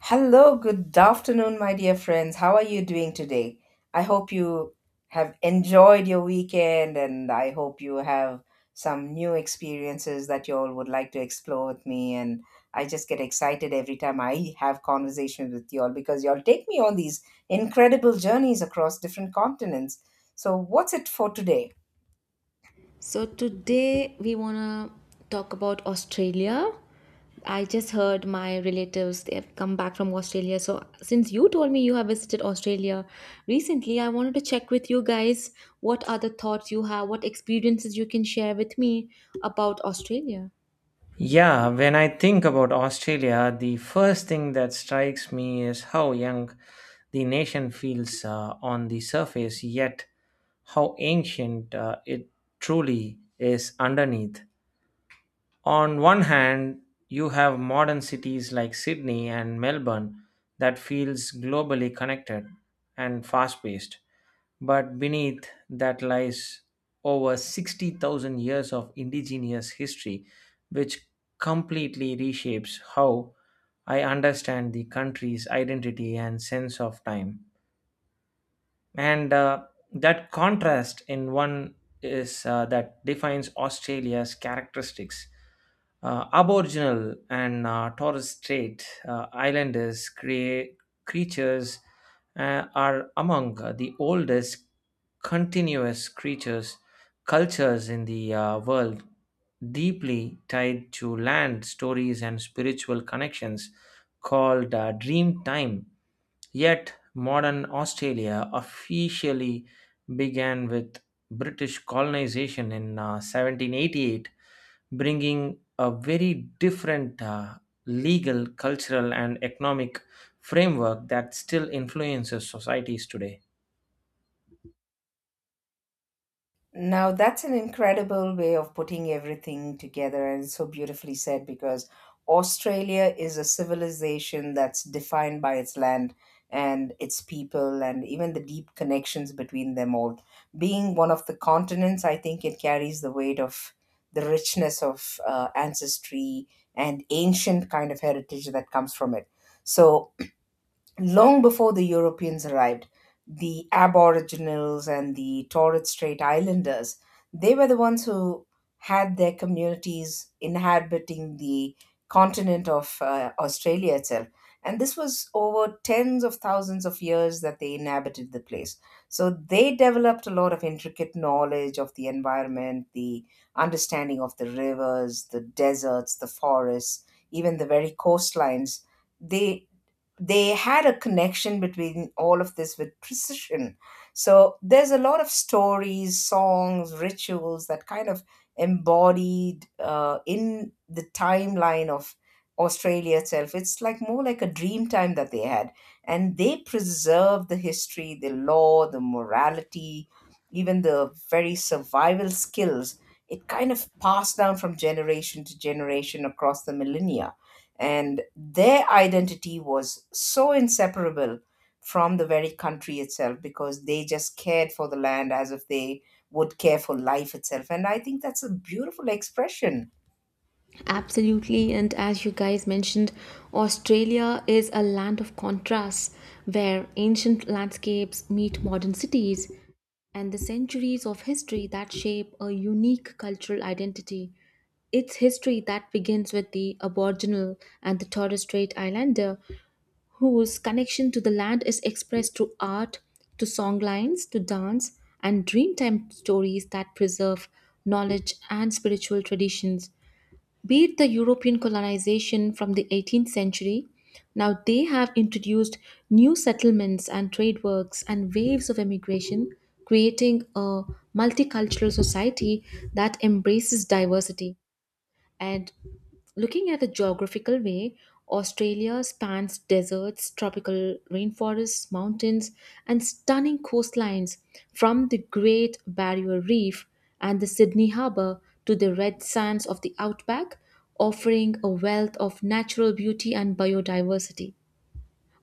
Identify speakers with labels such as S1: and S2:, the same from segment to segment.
S1: Hello, good afternoon, my dear friends. How are you doing today? I hope you have enjoyed your weekend and I hope you have some new experiences that you all would like to explore with me. And I just get excited every time I have conversations with you all because you all take me on these incredible journeys across different continents. So, what's it for today?
S2: So today we want to talk about Australia. I just heard my relatives they have come back from Australia. So since you told me you have visited Australia recently, I wanted to check with you guys what are the thoughts you have, what experiences you can share with me about Australia.
S3: Yeah, when I think about Australia, the first thing that strikes me is how young the nation feels on the surface, yet how ancient it truly is underneath. On one hand, you have modern cities like Sydney and Melbourne that feels globally connected and fast-paced. But beneath that lies over 60,000 years of indigenous history, which completely reshapes how I understand the country's identity and sense of time. And that contrast in one is that defines Australia's characteristics. Aboriginal and Torres Strait Islanders creatures are among the oldest continuous creatures cultures in the world, deeply tied to land stories and spiritual connections called dream time. Yet, modern Australia officially began with British colonization in 1788, bringing a very different legal, cultural, and economic framework that still influences societies today.
S1: Now, that's an incredible way of putting everything together and so beautifully said, because Australia is a civilization that's defined by its land and its people and even the deep connections between them all. Being one of the continents, I think it carries the weight of the richness of ancestry and ancient kind of heritage that comes from it. So, long before the Europeans arrived, the Aboriginals and the Torres Strait Islanders, they were the ones who had their communities inhabiting the continent of Australia itself. And this was over tens of thousands of years that they inhabited the place. So they developed a lot of intricate knowledge of the environment, the understanding of the rivers, the deserts, the forests, even the very coastlines, they they had a connection between all of this with precision. So there's a lot of stories, songs, rituals that kind of embodied in the timeline of Australia itself. It's like more like a dream time that they had. And they preserved the history, the law, the morality, even the very survival skills. It kind of passed down from generation to generation across the millennia, and their identity was so inseparable from the very country itself, because they just cared for the land as if they would care for life itself, and I think that's a beautiful expression.
S2: Absolutely, and as you guys mentioned, Australia is a land of contrasts where ancient landscapes meet modern cities. And the centuries of history that shape a unique cultural identity. It's history that begins with the Aboriginal and the Torres Strait Islander, whose connection to the land is expressed through art, to songlines, to dance, and dreamtime stories that preserve knowledge and spiritual traditions. Beat the European colonization from the 18th century, now they have introduced new settlements and trade works and waves of immigration, creating a multicultural society that embraces diversity. And looking at the geographical way, Australia spans deserts, tropical rainforests, mountains, and stunning coastlines from the Great Barrier Reef and the Sydney Harbour to the red sands of the outback, offering a wealth of natural beauty and biodiversity.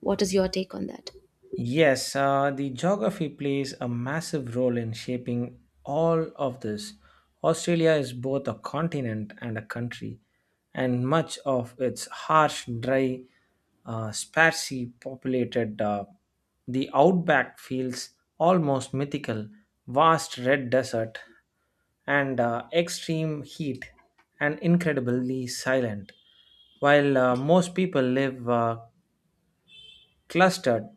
S2: What is your take on that?
S3: Yes, the geography plays a massive role in shaping all of this. Australia is both a continent and a country, and much of its harsh, dry, sparsely populated, the outback feels almost mythical. Vast red desert and extreme heat, and incredibly silent. While most people live clustered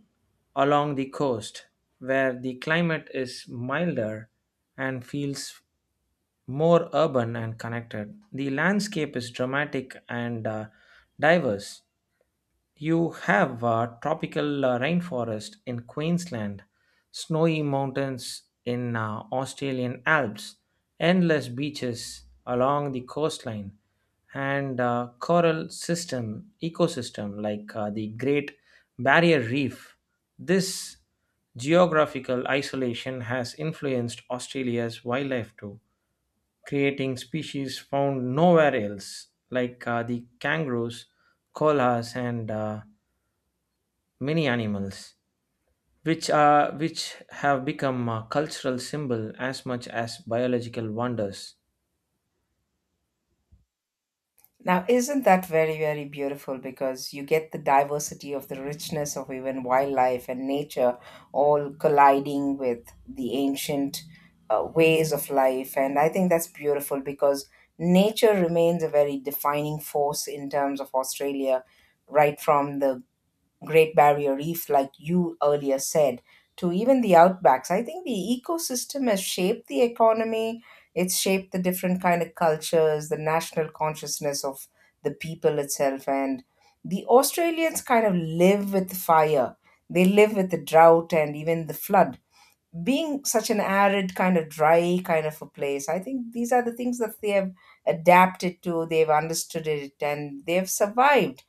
S3: along the coast, where the climate is milder and feels more urban and connected. The landscape is dramatic and diverse, you have a tropical rainforest in Queensland, snowy mountains in Australian Alps, endless beaches along the coastline, and coral system ecosystem like the Great Barrier Reef. This geographical isolation has influenced Australia's wildlife too, creating species found nowhere else, like the kangaroos, koalas, and many animals, which have become a cultural symbol as much as biological wonders.
S1: Now, isn't that very, very beautiful? Because you get the diversity of the richness of even wildlife and nature all colliding with the ancient ways of life. And I think that's beautiful because nature remains a very defining force in terms of Australia, right from the Great Barrier Reef, like you earlier said, to even the outbacks. I think the ecosystem has shaped the economy. It's shaped the different kind of cultures, the national consciousness of the people itself, and the Australians kind of live with fire. They live with the drought and even the flood. Being such an arid kind of dry kind of a place, I think these are the things that they have adapted to. They've understood it and they've survived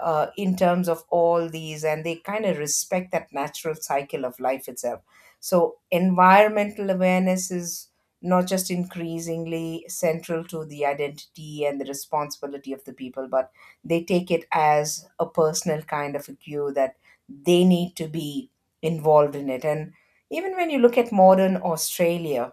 S1: in terms of all these, and they kind of respect that natural cycle of life itself. So environmental awareness is not just increasingly central to the identity and the responsibility of the people, but they take it as a personal kind of a cue that they need to be involved in it. And even when you look at modern Australia,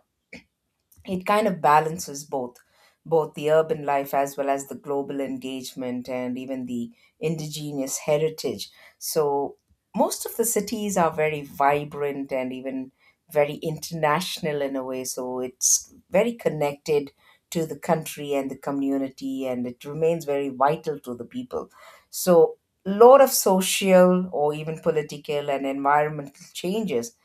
S1: it kind of balances both the urban life as well as the global engagement and even the indigenous heritage. So most of the cities are very vibrant and even very international in a way, so it's very connected to the country and the community, and it remains very vital to the people. So lot of social or even political and environmental changes,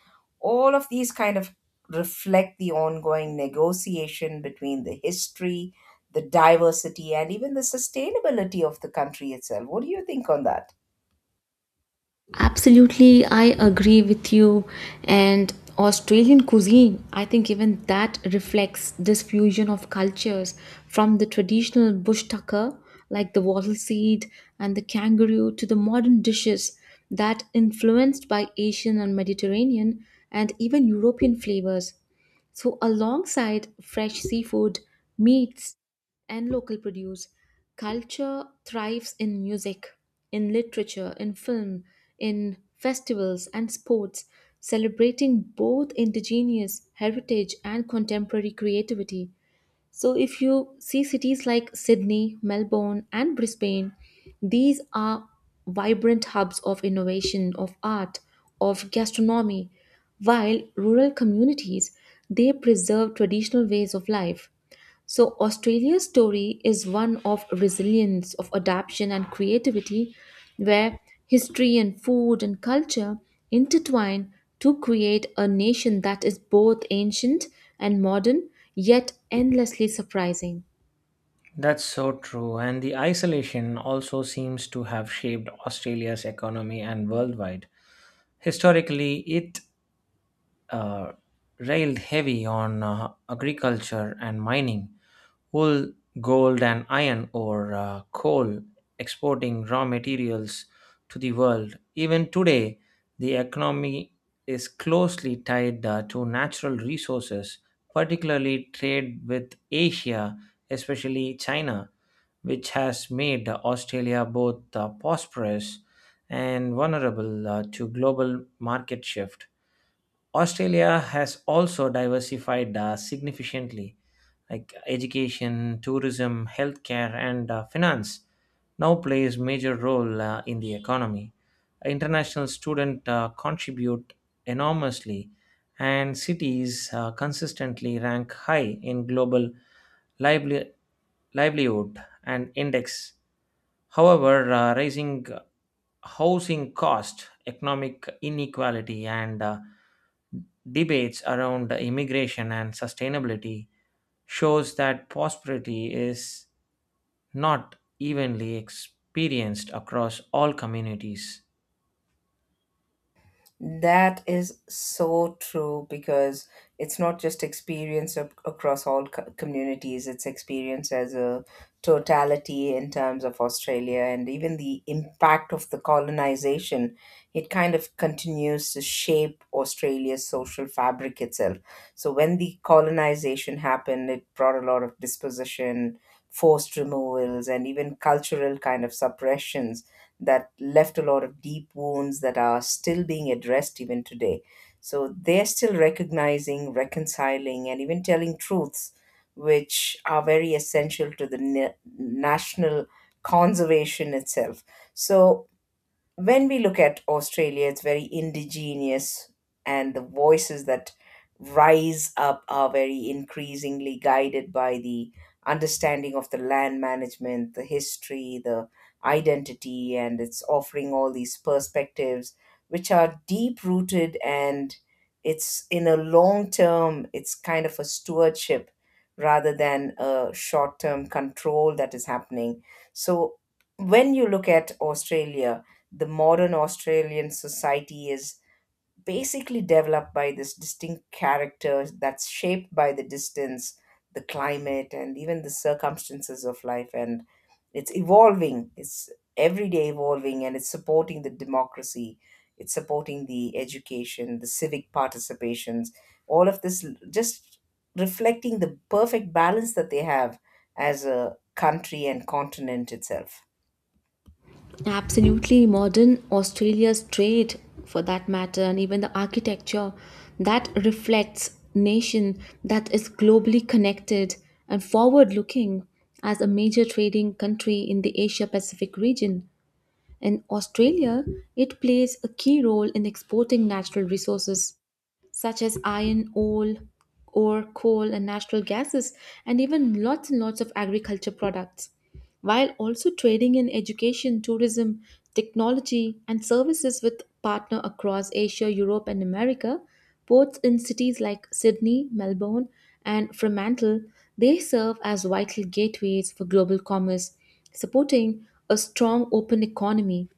S1: all of these kind of reflect the ongoing negotiation between the history, the diversity, and even the sustainability of the country itself. What do you think on that?
S2: Absolutely, I agree with you. And Australian cuisine, I think even that reflects this fusion of cultures from the traditional bush tucker, like the wattle seed and the kangaroo, to the modern dishes that influenced by Asian and Mediterranean and even European flavors. So, alongside fresh seafood, meats, and local produce. Culture thrives in music, in literature, in film, in festivals and sports, celebrating both indigenous heritage and contemporary creativity. So, if you see cities like Sydney, Melbourne, and Brisbane, these are vibrant hubs of innovation, of art, of gastronomy, while rural communities they preserve traditional ways of life. So, Australia's story is one of resilience, of adaptation and creativity, where history and food and culture intertwine to create a nation that is both ancient and modern, yet endlessly surprising.
S3: That's so true, and the isolation also seems to have shaped Australia's economy and worldwide. Historically, it uh, railed heavy on agriculture and mining, wool, gold, and iron ore, coal, exporting raw materials to the world. Even today, the economy is closely tied to natural resources, particularly trade with Asia, especially China, which has made Australia both prosperous and vulnerable to global market shift. Australia has also diversified significantly, like education, tourism, healthcare, and finance now plays major role in the economy. International students contribute enormously, and cities consistently rank high in global lively- livelihood and index. However, rising housing cost, economic inequality, and debates around immigration and sustainability shows that prosperity is not evenly experienced across all communities.
S1: That is so true, because it's not just experience across all communities, it's experience as a totality in terms of Australia and even the impact of the colonization. It kind of continues to shape Australia's social fabric itself. So, when the colonization happened, it brought a lot of disposition, forced removals, and even cultural kind of suppressions that left a lot of deep wounds that are still being addressed even today. So they're still recognizing, reconciling, and even telling truths which are very essential to the national conservation itself. So when we look at Australia, it's very indigenous, and the voices that rise up are very increasingly guided by the understanding of the land management, the history, the identity, and it's offering all these perspectives which are deep rooted. And it's in a long term, it's kind of a stewardship rather than a short term control that is happening. So, when you look at Australia, the modern Australian society is basically developed by this distinct character that's shaped by the distance, the climate, and even the circumstances of life. And it's evolving, it's everyday evolving, and it's supporting the democracy, it's supporting the education, the civic participations, all of this just reflecting the perfect balance that they have as a country and continent itself.
S2: Absolutely, modern Australia's trade, for that matter, and even the architecture that reflects nation that is globally connected and forward-looking as a major trading country in the Asia Pacific region. In Australia, it plays a key role in exporting natural resources such as iron ore, ore, coal, and natural gases, and even lots and lots of agriculture products, while also trading in education, tourism, technology, and services with partner across Asia, Europe, and America. Ports in cities like Sydney, Melbourne, and Fremantle, they serve as vital gateways for global commerce, supporting a strong open economy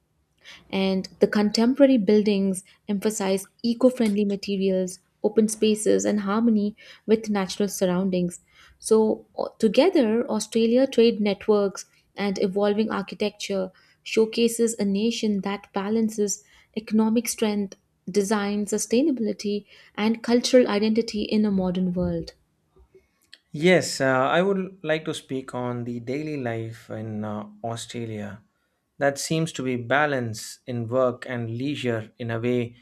S2: and the contemporary buildings emphasize eco friendly materials, open spaces, and harmony with natural surroundings. So, together, Australia trade networks and evolving architecture showcases a nation that balances economic strength, design, sustainability, and cultural identity in a modern world.
S3: Yes, I would like to speak on the daily life in Australia that seems to be balance in work and leisure in a way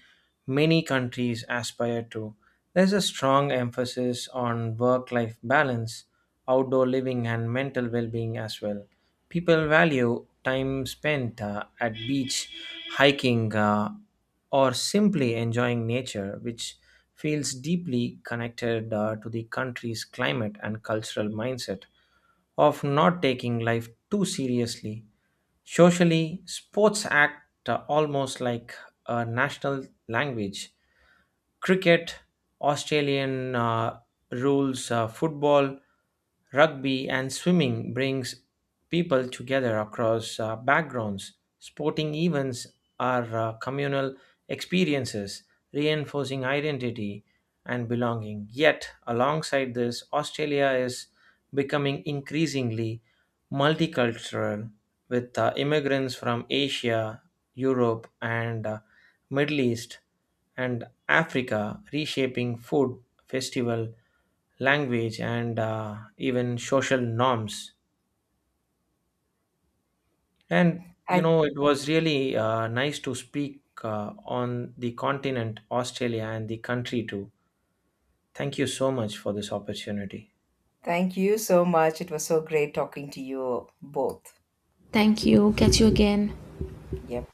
S3: many countries aspire to. There's a strong emphasis on work life balance, outdoor living, and mental well being as well. People value time spent at beach, hiking, or simply enjoying nature, which feels deeply connected to the country's climate and cultural mindset of not taking life too seriously. Socially, sports act almost like a national language. Cricket, Australian rules, football, Rugby and swimming brings people together across backgrounds. Sporting events are communal experiences, reinforcing identity and belonging. Yet, alongside this, Australia is becoming increasingly multicultural with immigrants from Asia, Europe, and Middle East and Africa reshaping food, festival, language and even social norms. And you
S1: I...
S3: know, it was really nice to speak on the continent, Australia, and the country too. Thank you so much for this opportunity.
S1: Thank you so much. It was so great talking to you both.
S2: Thank you. Catch you again.
S1: Yeah.